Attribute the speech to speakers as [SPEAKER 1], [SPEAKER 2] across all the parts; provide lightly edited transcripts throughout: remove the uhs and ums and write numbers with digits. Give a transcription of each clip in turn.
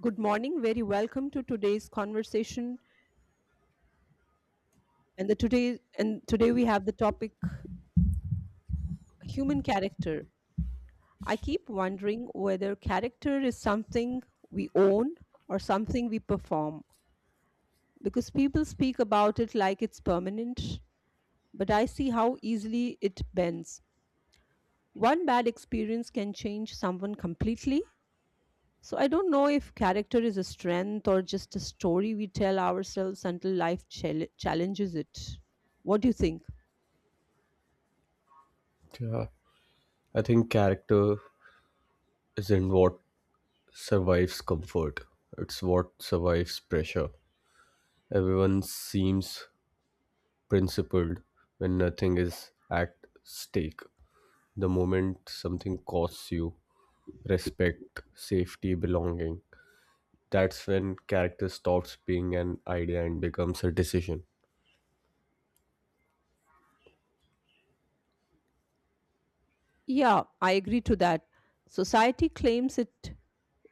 [SPEAKER 1] Good morning. Very welcome to today's conversation. And the today and today we have the topic human character. I keep wondering whether character is something we own or something we perform because people speak about it like it's permanent, but I see how easily it bends. One bad experience can change someone completely. So I don't know if character is a strength or just a story we tell ourselves until life challenges it. What do you think?
[SPEAKER 2] Yeah, I think character isn't what survives comfort, it's what survives pressure. Everyone seems principled when nothing is at stake. The moment something costs you respect, safety, belonging, that's when character stops being an idea and becomes a decision.
[SPEAKER 1] Yeah, I agree to that. Society claims it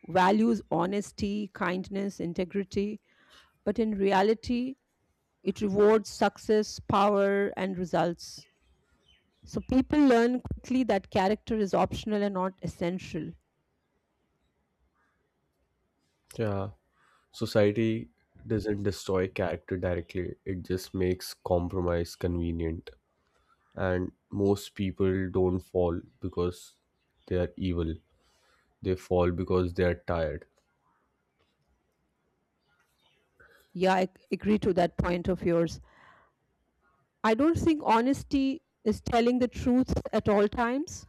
[SPEAKER 1] values honesty, kindness, integrity, but in reality, it rewards success, power, and results. So people learn quickly that character is optional and not essential.
[SPEAKER 2] Yeah, society doesn't destroy character directly, it just makes compromise convenient. And most people don't fall because they are evil, they fall because they are tired.
[SPEAKER 1] Yeah, I agree to that point of yours. I don't think honesty is telling the truth at all times.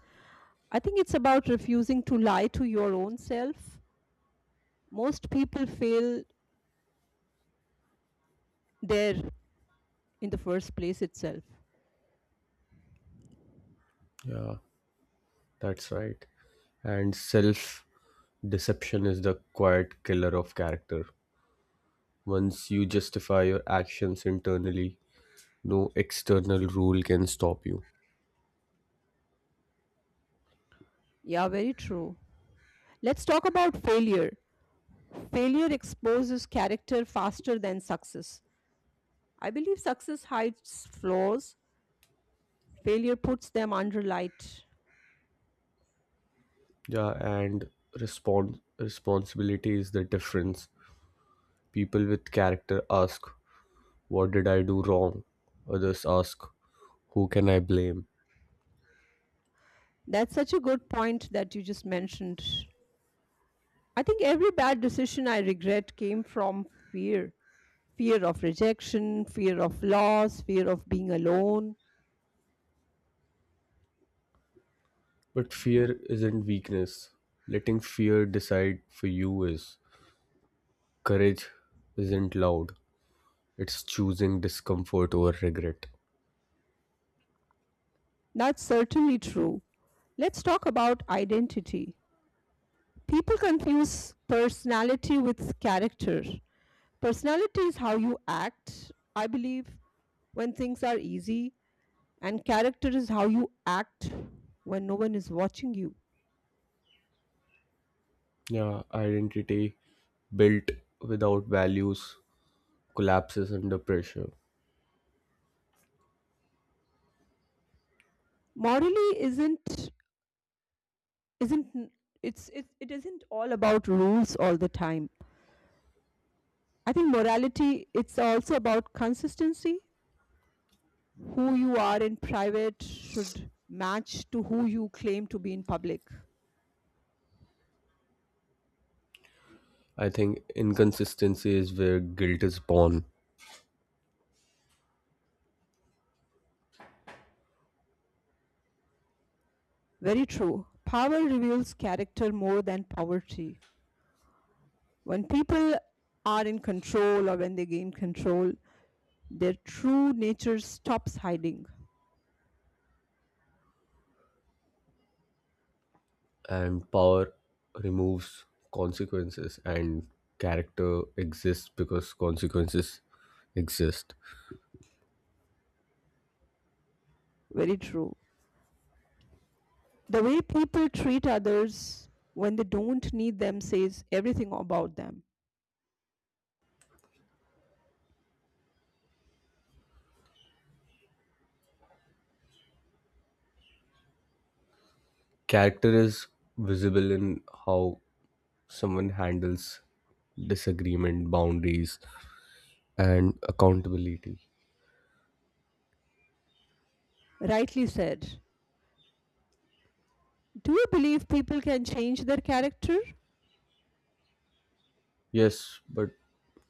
[SPEAKER 1] I think it's about refusing to lie to your own self. Most people fail there in the first place itself.
[SPEAKER 2] Yeah, that's right. And self deception is the quiet killer of character. Once you justify your actions internally, no external rule can stop you.
[SPEAKER 1] Yeah, very true. Let's talk about failure. Failure exposes character faster than success. I believe success hides flaws, failure puts them under light.
[SPEAKER 2] Yeah, and respond responsibility is the difference. People with character ask, what did I do wrong? Others ask, who can I blame?
[SPEAKER 1] That's such a good point that you just mentioned. I think every bad decision I regret came from fear fear of rejection, fear of loss, fear of being alone.
[SPEAKER 2] But fear isn't weakness. Letting fear decide for you is. Courage isn't loud, it's choosing discomfort over regret.
[SPEAKER 1] That's certainly true. Let's talk about identity. People confuse personality with character. Personality is how you act, I believe, when things are easy, and character is how you act when no one is watching you.
[SPEAKER 2] Yeah, identity built without values collapses under pressure.
[SPEAKER 1] Morally isn't n- it's it, it isn't all about rules all the time. I think morality it's also about consistency. Who you are in private should match to who you claim to be in public.
[SPEAKER 2] I think inconsistency is where guilt is born,
[SPEAKER 1] Very true. Power reveals character more than poverty. When people are in control or when they gain control, their true nature stops hiding.
[SPEAKER 2] and power removes consequences, and character exists because consequences exist.
[SPEAKER 1] Very true. The way people treat others when they don't need them says everything about them.
[SPEAKER 2] Character is visible in how someone handles disagreement, boundaries, and accountability.
[SPEAKER 1] Rightly said. Do you believe people can change their character?
[SPEAKER 2] Yes, but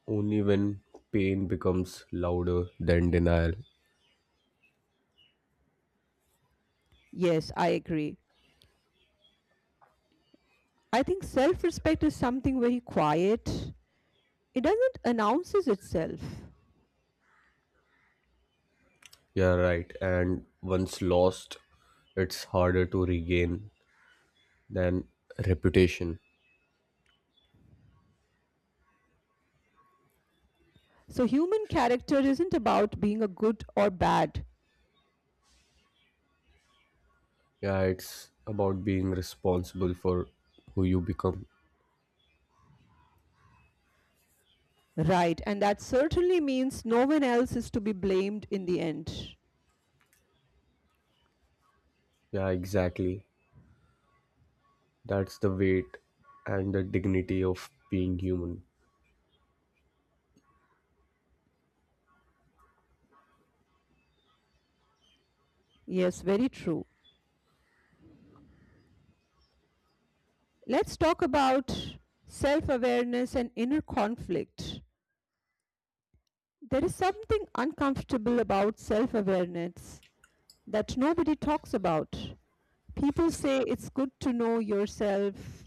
[SPEAKER 2] only when pain becomes louder than denial.
[SPEAKER 1] Yes, I agree. I think self respect is something very quiet. It doesn't announces itself.
[SPEAKER 2] Yeah, right. And once lost, it's harder to regain than reputation.
[SPEAKER 1] So, human character isn't about being a good or bad,
[SPEAKER 2] Yeah, it's about being responsible for who you become.
[SPEAKER 1] right? And that certainly means no one else is to be blamed in the end.
[SPEAKER 2] Yeah, exactly. That's the weight and the dignity of being human.
[SPEAKER 1] Yes, very true. Let's talk about self awareness and inner conflict. There is something uncomfortable about self awareness that nobody talks about. People say it's good to know yourself,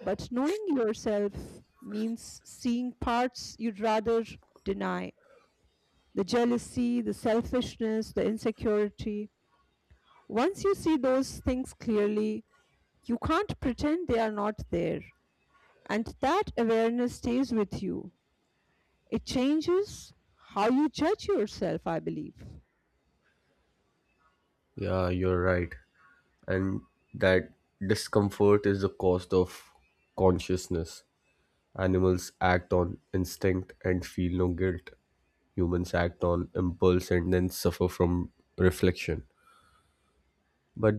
[SPEAKER 1] but knowing yourself means seeing parts you'd rather deny the jealousy, the selfishness, the insecurity. Once you see those things clearly, you can't pretend they are not there. And that awareness stays with you. It changes how you judge yourself, I believe.
[SPEAKER 2] Yeah, you're right. And that discomfort is the cost of consciousness. Animals act on instinct and feel no guilt. Humans act on impulse and then suffer from reflection. But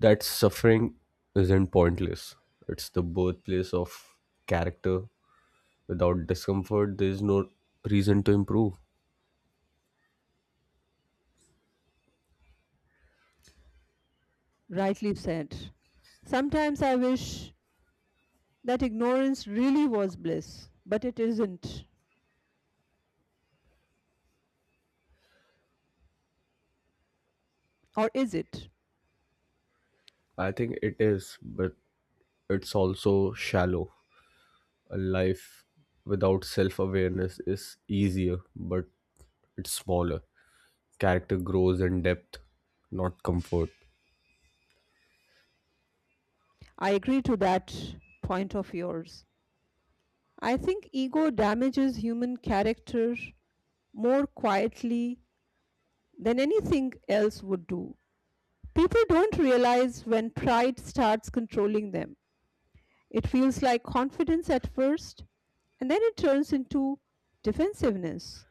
[SPEAKER 2] that suffering isn't pointless. It's the birthplace of character. Without discomfort, there's no reason to improve.
[SPEAKER 1] Rightly said. Sometimes I wish that ignorance really was bliss, but it isn't. Or is it?
[SPEAKER 2] I think it is, but it's also shallow. A life without self awareness is easier, but it's smaller. Character grows in depth, not comfort.
[SPEAKER 1] I agree to that point of yours. I think ego damages human character more quietly than anything else would do. People don't realize when pride starts controlling them. It feels like confidence at first, and then it turns into defensiveness.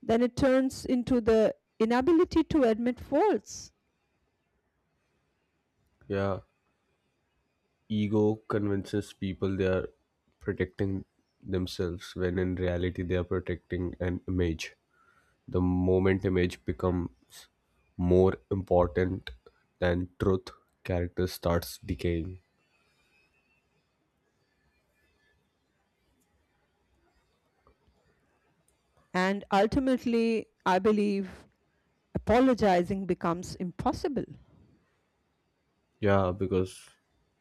[SPEAKER 1] Then it turns into the inability to admit faults.
[SPEAKER 2] Yeah, ego convinces people they are protecting themselves when in reality they are protecting an image. The moment image becomes more important than truth, character starts decaying.
[SPEAKER 1] And ultimately, I believe apologizing becomes impossible.
[SPEAKER 2] Yeah, because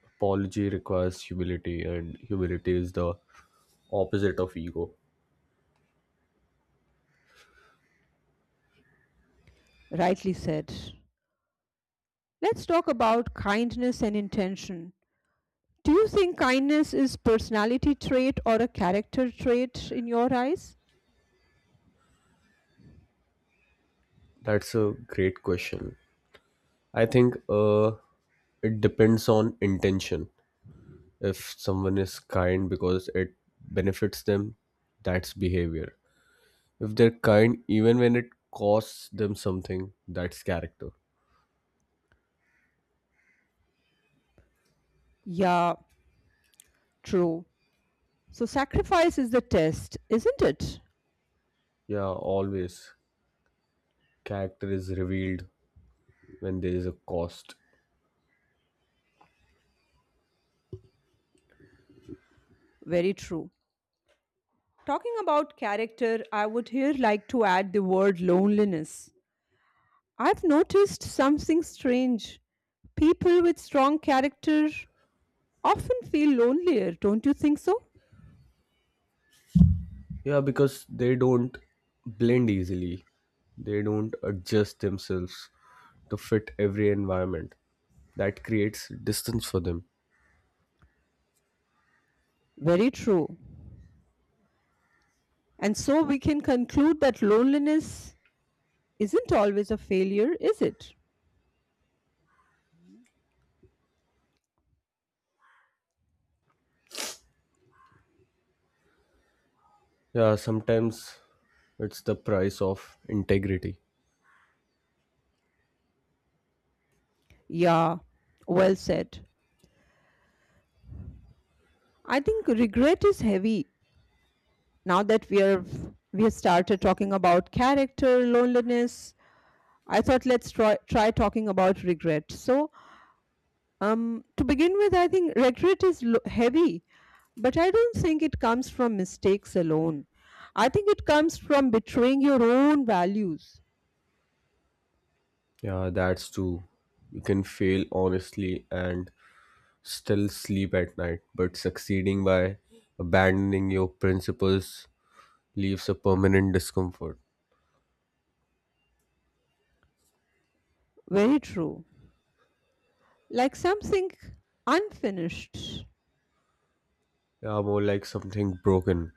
[SPEAKER 2] apology requires humility, and humility is the opposite of ego.
[SPEAKER 1] Rightly said. Let's talk about kindness and intention. Do you think kindness is personality trait or a character trait in your eyes?
[SPEAKER 2] That's a great question. I think it depends on intention. If someone is kind because it benefits them, that's behavior. If they're kind even when it costs them something, that's character.
[SPEAKER 1] Yeah, true. So sacrifice is the test, isn't it?
[SPEAKER 2] Yeah, always. Character is revealed when there is a cost.
[SPEAKER 1] Very true. Talking about character, I would here like to add the word loneliness. I've noticed something strange. People with strong character often feel lonelier, don't you think so?
[SPEAKER 2] Yeah, because they don't blend easily. They don't adjust themselves to fit every environment. That creates distance for them.
[SPEAKER 1] Very true. And so we can conclude that loneliness isn't always a failure, is it?
[SPEAKER 2] Yeah, sometimes it's the price of integrity.
[SPEAKER 1] Yeah, well said. I think regret is heavy now that we have started talking about character loneliness. I thought let's try talking about regret. So to begin with, I think regret is heavy, but I don't think it comes from mistakes alone. I think it comes from betraying your own values.
[SPEAKER 2] Yeah, that's true. You can fail honestly and still sleep at night, but succeeding by abandoning your principles leaves a permanent discomfort.
[SPEAKER 1] Very true. Like something unfinished.
[SPEAKER 2] Yeah, more like something broken.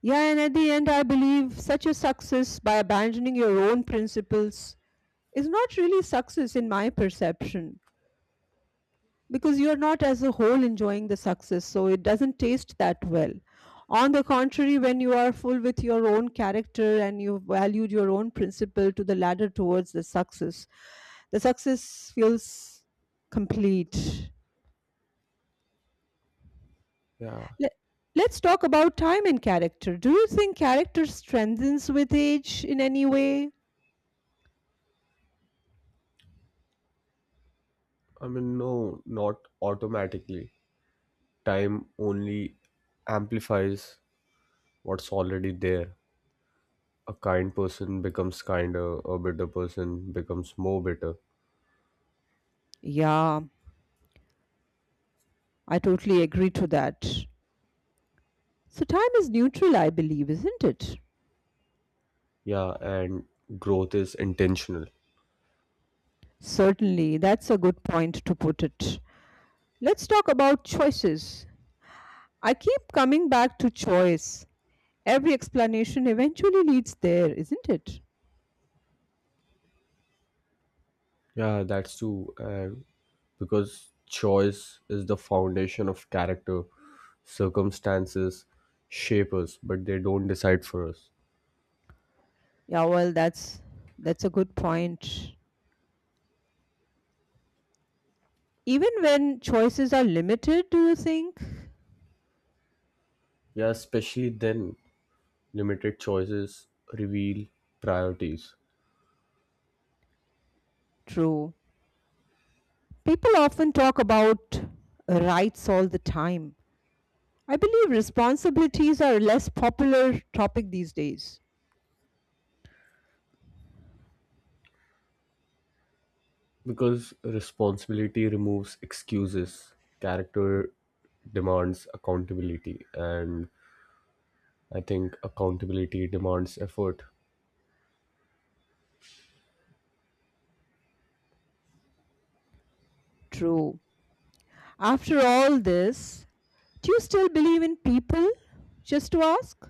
[SPEAKER 1] Yeah, and at the end I believe such a success by abandoning your own principles is not really success in my perception, because you're not as a whole enjoying the success, so it doesn't taste that well. On the contrary, when you are full with your own character and you've valued your own principle to the ladder towards the success, the success feels complete.
[SPEAKER 2] Yeah,
[SPEAKER 1] Le- let's talk about time and character. Do you think character strengthens with age in any way?
[SPEAKER 2] I mean, no, not automatically. Time only amplifies what's already there. A kind person becomes kinder, a bitter person becomes more bitter.
[SPEAKER 1] Yeah, I totally agree to that. So time is neutral, I believe, isn't it?
[SPEAKER 2] Yeah, and growth is intentional.
[SPEAKER 1] Certainly, that's a good point to put it. Let's talk about choices. I keep coming back to choice. Every explanation eventually leads there, isn't it?
[SPEAKER 2] Yeah, that's true. And because choice is the foundation of character, circumstances shape us, but they don't decide for us.
[SPEAKER 1] Yeah, well, that's a good point. Even when choices are limited, do you think?
[SPEAKER 2] Yeah, especially then, limited choices reveal priorities.
[SPEAKER 1] True. People often talk about rights all the time. I believe responsibilities are a less popular topic these days.
[SPEAKER 2] Because responsibility removes excuses, character demands accountability, and I think accountability demands effort.
[SPEAKER 1] True. After all this, do you still believe in people? Just to ask?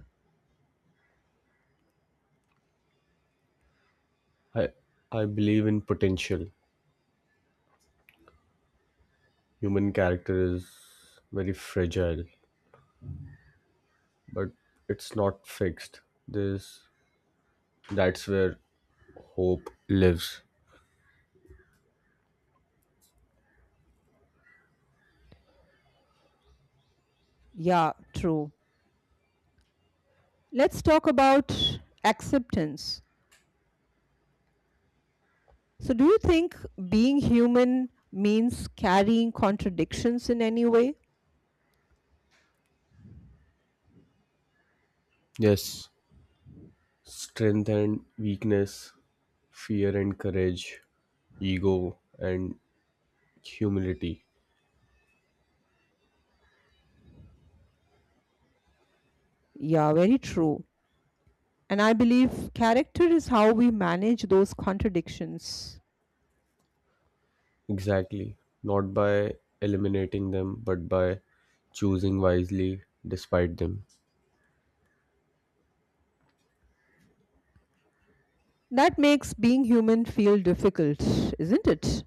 [SPEAKER 2] I I believe in potential. Human character is very fragile, but it's not fixed. This That's where hope lives.
[SPEAKER 1] Yeah, true. Let's talk about acceptance. So, do you think being human means carrying contradictions in any way?
[SPEAKER 2] Yes, strength and weakness, fear and courage, ego and humility.
[SPEAKER 1] Yeah, very true. And I believe character is how we manage those contradictions.
[SPEAKER 2] Exactly. Not by eliminating them, but by choosing wisely despite them.
[SPEAKER 1] That makes being human feel difficult, isn't it?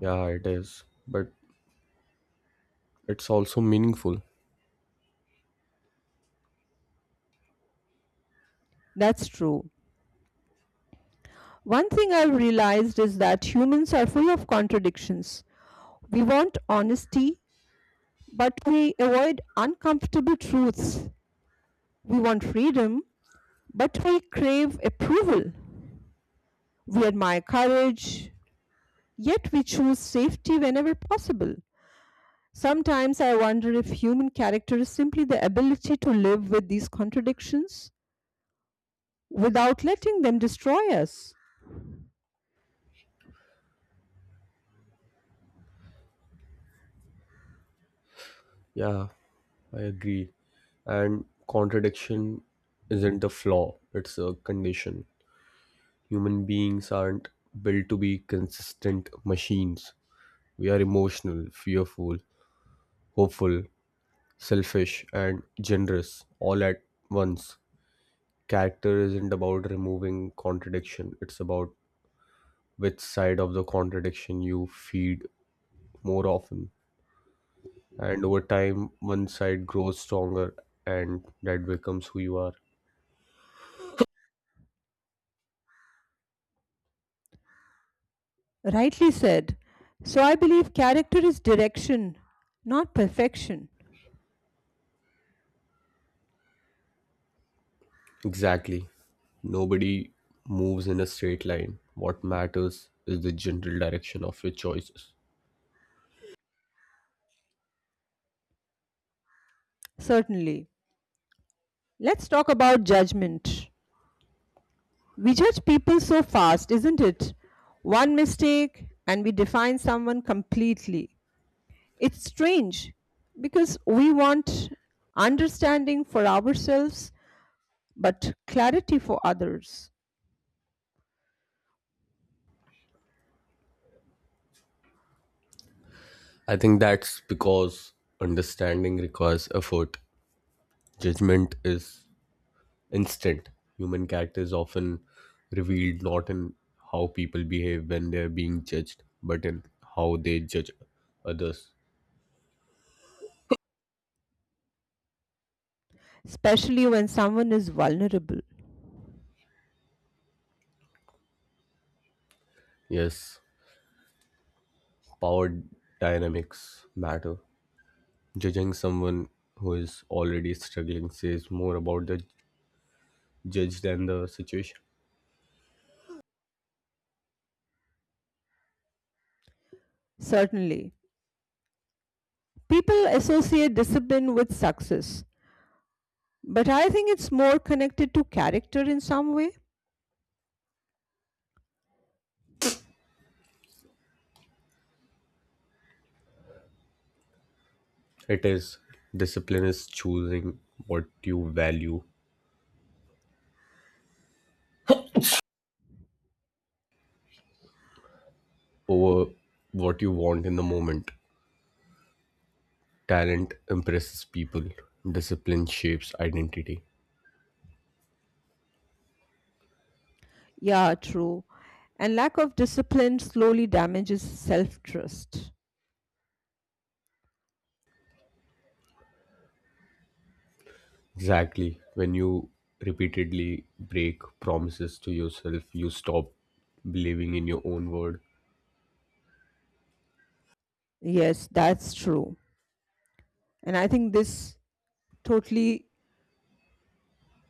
[SPEAKER 2] Yeah, it is. But it's also meaningful.
[SPEAKER 1] That's true. One thing I've realized is that humans are full of contradictions. We want honesty, but we avoid uncomfortable truths. We want freedom, but we crave approval. We admire courage, yet we choose safety whenever possible. Sometimes I wonder if human character is simply the ability to live with these contradictions without letting them destroy us.
[SPEAKER 2] Yeah, I agree. And contradiction isn't a flaw, it's a condition. Human beings aren't built to be consistent machines. We are emotional, fearful, hopeful, selfish, and generous all at once. Character isn't about removing contradiction, it's about which side of the contradiction you feed more often. And over time, one side grows stronger and that becomes who you are.
[SPEAKER 1] Rightly said. So I believe character is direction, not perfection.
[SPEAKER 2] Exactly. Nobody moves in a straight line. What matters is the general direction of your choices.
[SPEAKER 1] Certainly. Let's talk about judgment. We judge people so fast, isn't it? One mistake, and we define someone completely. It's strange because we want understanding for ourselves but clarity for others,
[SPEAKER 2] I think that's because understanding requires effort. Judgment is instant. Human character is often revealed not in how people behave when they're being judged, but in how they judge others.
[SPEAKER 1] especially when someone is vulnerable.
[SPEAKER 2] Yes, power dynamics matter. Judging someone who is already struggling says more about the judge than the situation.
[SPEAKER 1] Certainly, people associate discipline with success, but I think it's more connected to character in some way.
[SPEAKER 2] It is. Discipline is choosing what you value over what you want in the moment. Talent impresses people, discipline shapes identity.
[SPEAKER 1] Yeah, true. And lack of discipline slowly damages self trust.
[SPEAKER 2] Exactly. When you repeatedly break promises to yourself, you stop believing in your own word.
[SPEAKER 1] Yes, that's true. And I think this totally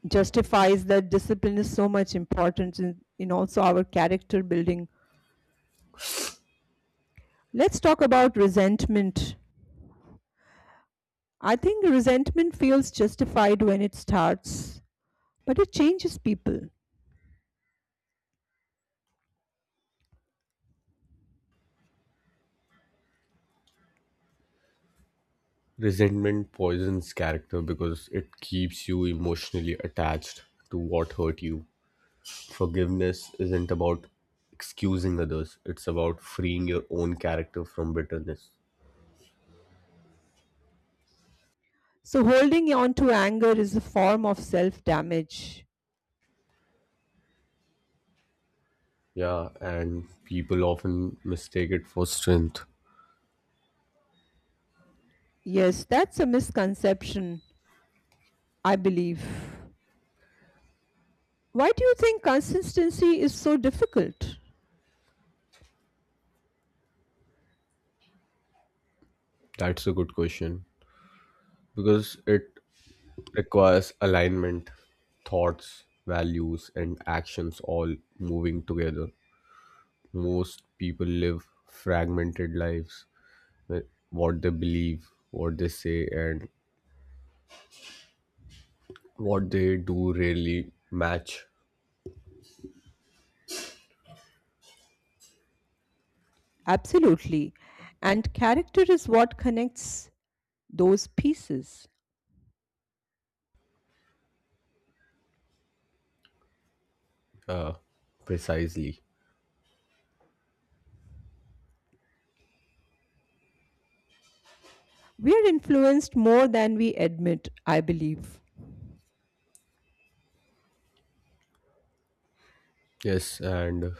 [SPEAKER 1] justifies that discipline is so much important in also our character building. Let's talk about resentment. I think resentment feels justified when it starts, but it changes people.
[SPEAKER 2] Resentment poisons character because it keeps you emotionally attached to what hurt you. Forgiveness isn't about excusing others, it's about freeing your own character from bitterness.
[SPEAKER 1] So holding on to anger is a form of self damage.
[SPEAKER 2] Yeah, and people often mistake it for strength.
[SPEAKER 1] Yes, that's a misconception, I believe. Why do you think consistency is so difficult?
[SPEAKER 2] That's a good question because it requires alignment, thoughts, values, and actions all moving together. Most people live fragmented lives, like what they believe, what they say, and what they do really match.
[SPEAKER 1] Absolutely. And character is what connects those pieces.
[SPEAKER 2] uh, Precisely.
[SPEAKER 1] We are influenced more than we admit, I believe.
[SPEAKER 2] Yes, and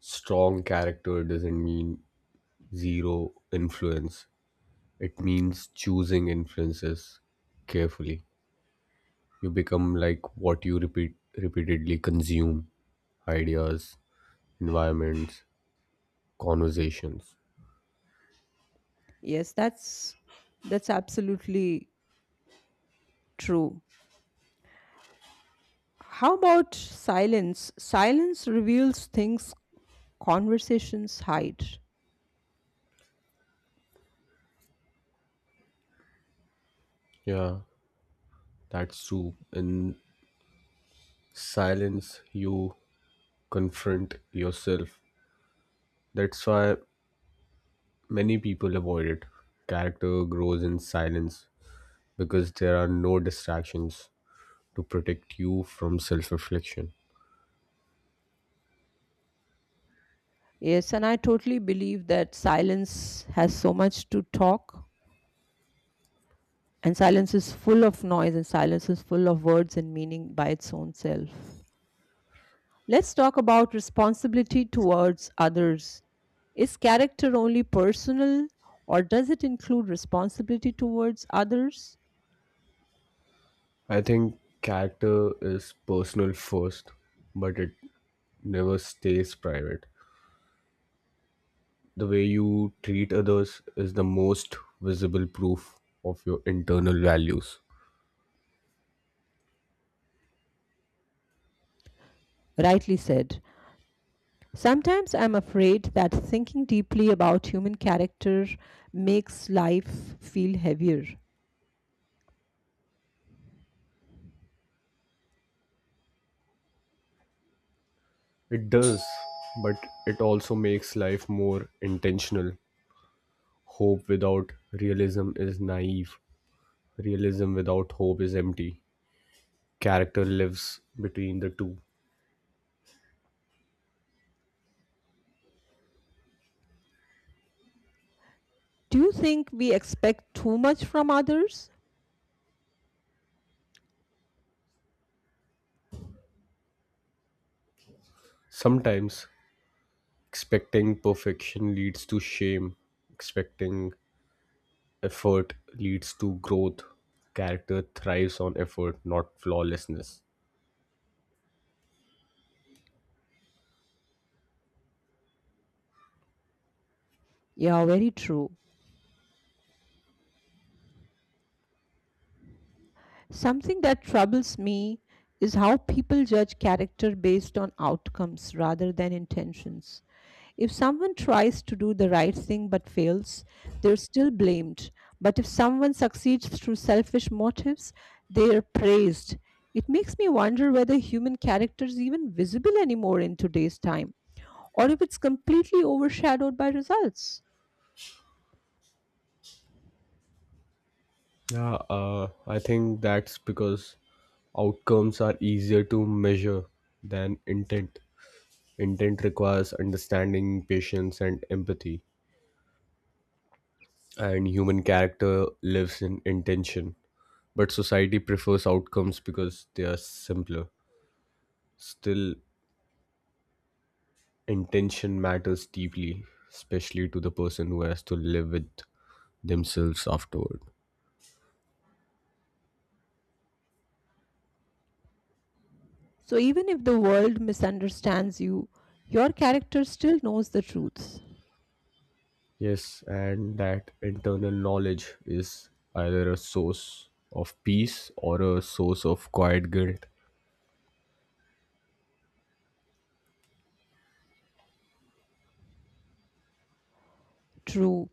[SPEAKER 2] strong character doesn't mean zero influence, it means choosing influences carefully. You become like what you repeatedly consume. Ideas, environments, conversations.
[SPEAKER 1] Yes, that's absolutely true. How about silence? Silence reveals things, conversations hide.
[SPEAKER 2] Yeah, that's true. In silence, you confront yourself. That's why many people avoid it. Character grows in silence because there are no distractions to protect you from self reflection.
[SPEAKER 1] Yes, and I totally believe that silence has so much to talk, and silence is full of noise, and silence is full of words and meaning by its own self. Let's talk about responsibility towards others. Is character only personal or does it include responsibility towards others?
[SPEAKER 2] I think character is personal first, but it never stays private. The way you treat others is the most visible proof of your internal values.
[SPEAKER 1] Rightly said. Sometimes I'm afraid that thinking deeply about human character makes life feel heavier.
[SPEAKER 2] It does, but it also makes life more intentional. Hope without realism is naive. Realism without hope is empty. Character lives between the two.
[SPEAKER 1] Do you think we expect too much from others?
[SPEAKER 2] Sometimes expecting perfection leads to shame, expecting effort leads to growth. Character thrives on effort, not flawlessness.
[SPEAKER 1] Yeah, very true. Something that troubles me is how people judge character based on outcomes rather than intentions. If someone tries to do the right thing but fails, they're still blamed. But if someone succeeds through selfish motives, they're praised. It makes me wonder whether human character is even visible anymore in today's time or if it's completely overshadowed by results.
[SPEAKER 2] Yeah, I think that's because outcomes are easier to measure than intent. Intent requires understanding, patience, and empathy. And human character lives in intention. But society prefers outcomes because they are simpler. Still, intention matters deeply, especially to the person who has to live with themselves afterward.
[SPEAKER 1] So even if the world misunderstands you, your character still knows the truth.
[SPEAKER 2] Yes, and that internal knowledge is either a source of peace or a source of quiet guilt.
[SPEAKER 1] True.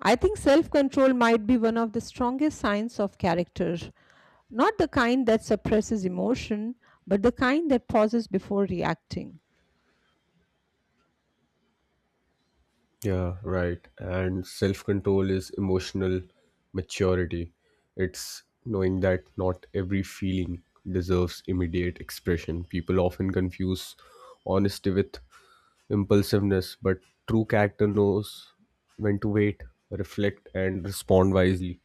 [SPEAKER 1] I think self control might be one of the strongest signs of character. Not the kind that suppresses emotion, but the kind that pauses before reacting.
[SPEAKER 2] Yeah, right. And self control is emotional maturity. It's knowing that not every feeling deserves immediate expression. People often confuse honesty with impulsiveness, but true character knows when to wait, reflect, and respond wisely.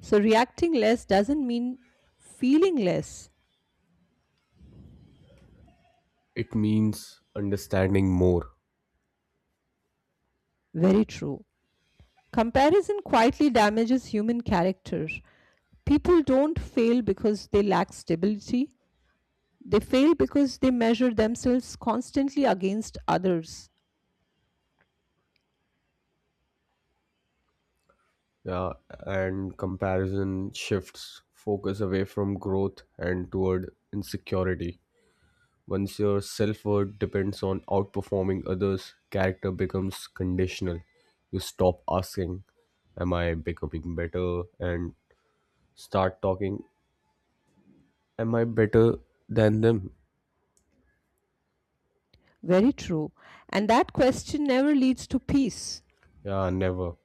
[SPEAKER 1] So, reacting less doesn't mean feeling less.
[SPEAKER 2] It means understanding more.
[SPEAKER 1] Very true. Comparison quietly damages human character. People don't fail because they lack stability, they fail because they measure themselves constantly against others.
[SPEAKER 2] Yeah, and comparison shifts focus away from growth and toward insecurity. Once your self worth depends on outperforming others, character becomes conditional. You stop asking, am I becoming better? And start talking, am I better than them?
[SPEAKER 1] Very true. And that question never leads to peace.
[SPEAKER 2] Yeah, never.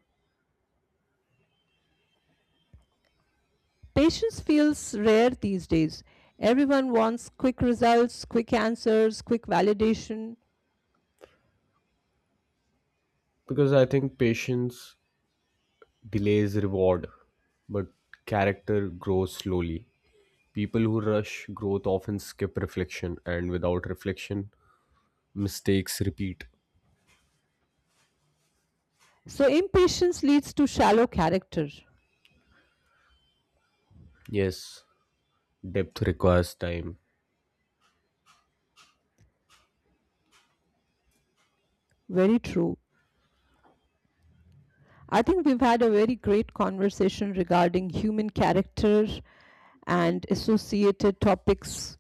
[SPEAKER 1] Patience feels rare these days. Everyone wants quick results, quick answers, quick validation.
[SPEAKER 2] Because I think patience delays reward, but character grows slowly. People who rush growth often skip reflection, and without reflection, mistakes repeat.
[SPEAKER 1] So, impatience leads to shallow character.
[SPEAKER 2] Yes, depth requires time.
[SPEAKER 1] Very true. I think we've had a very great conversation regarding human character and associated topics.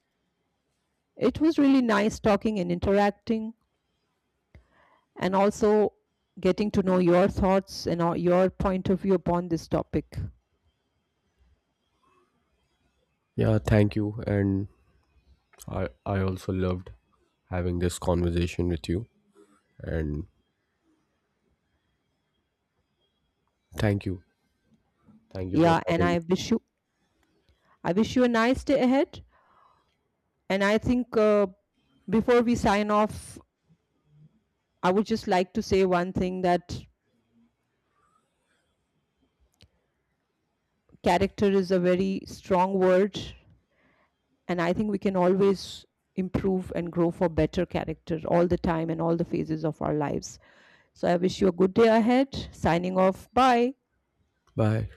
[SPEAKER 1] It was really nice talking and interacting, and also getting to know your thoughts and your point of view upon this topic.
[SPEAKER 2] Yeah, thank you, and I also loved having this conversation with you and thank you. Thank you for
[SPEAKER 1] Yeah, and
[SPEAKER 2] having me.
[SPEAKER 1] I wish you a nice day ahead. And I think before we sign off, I would just like to say one thing, that character is a very strong word. And I think we can always improve and grow for better character all the time and all the phases of our lives. So I wish you a good day ahead. Signing off. Bye.
[SPEAKER 2] Bye.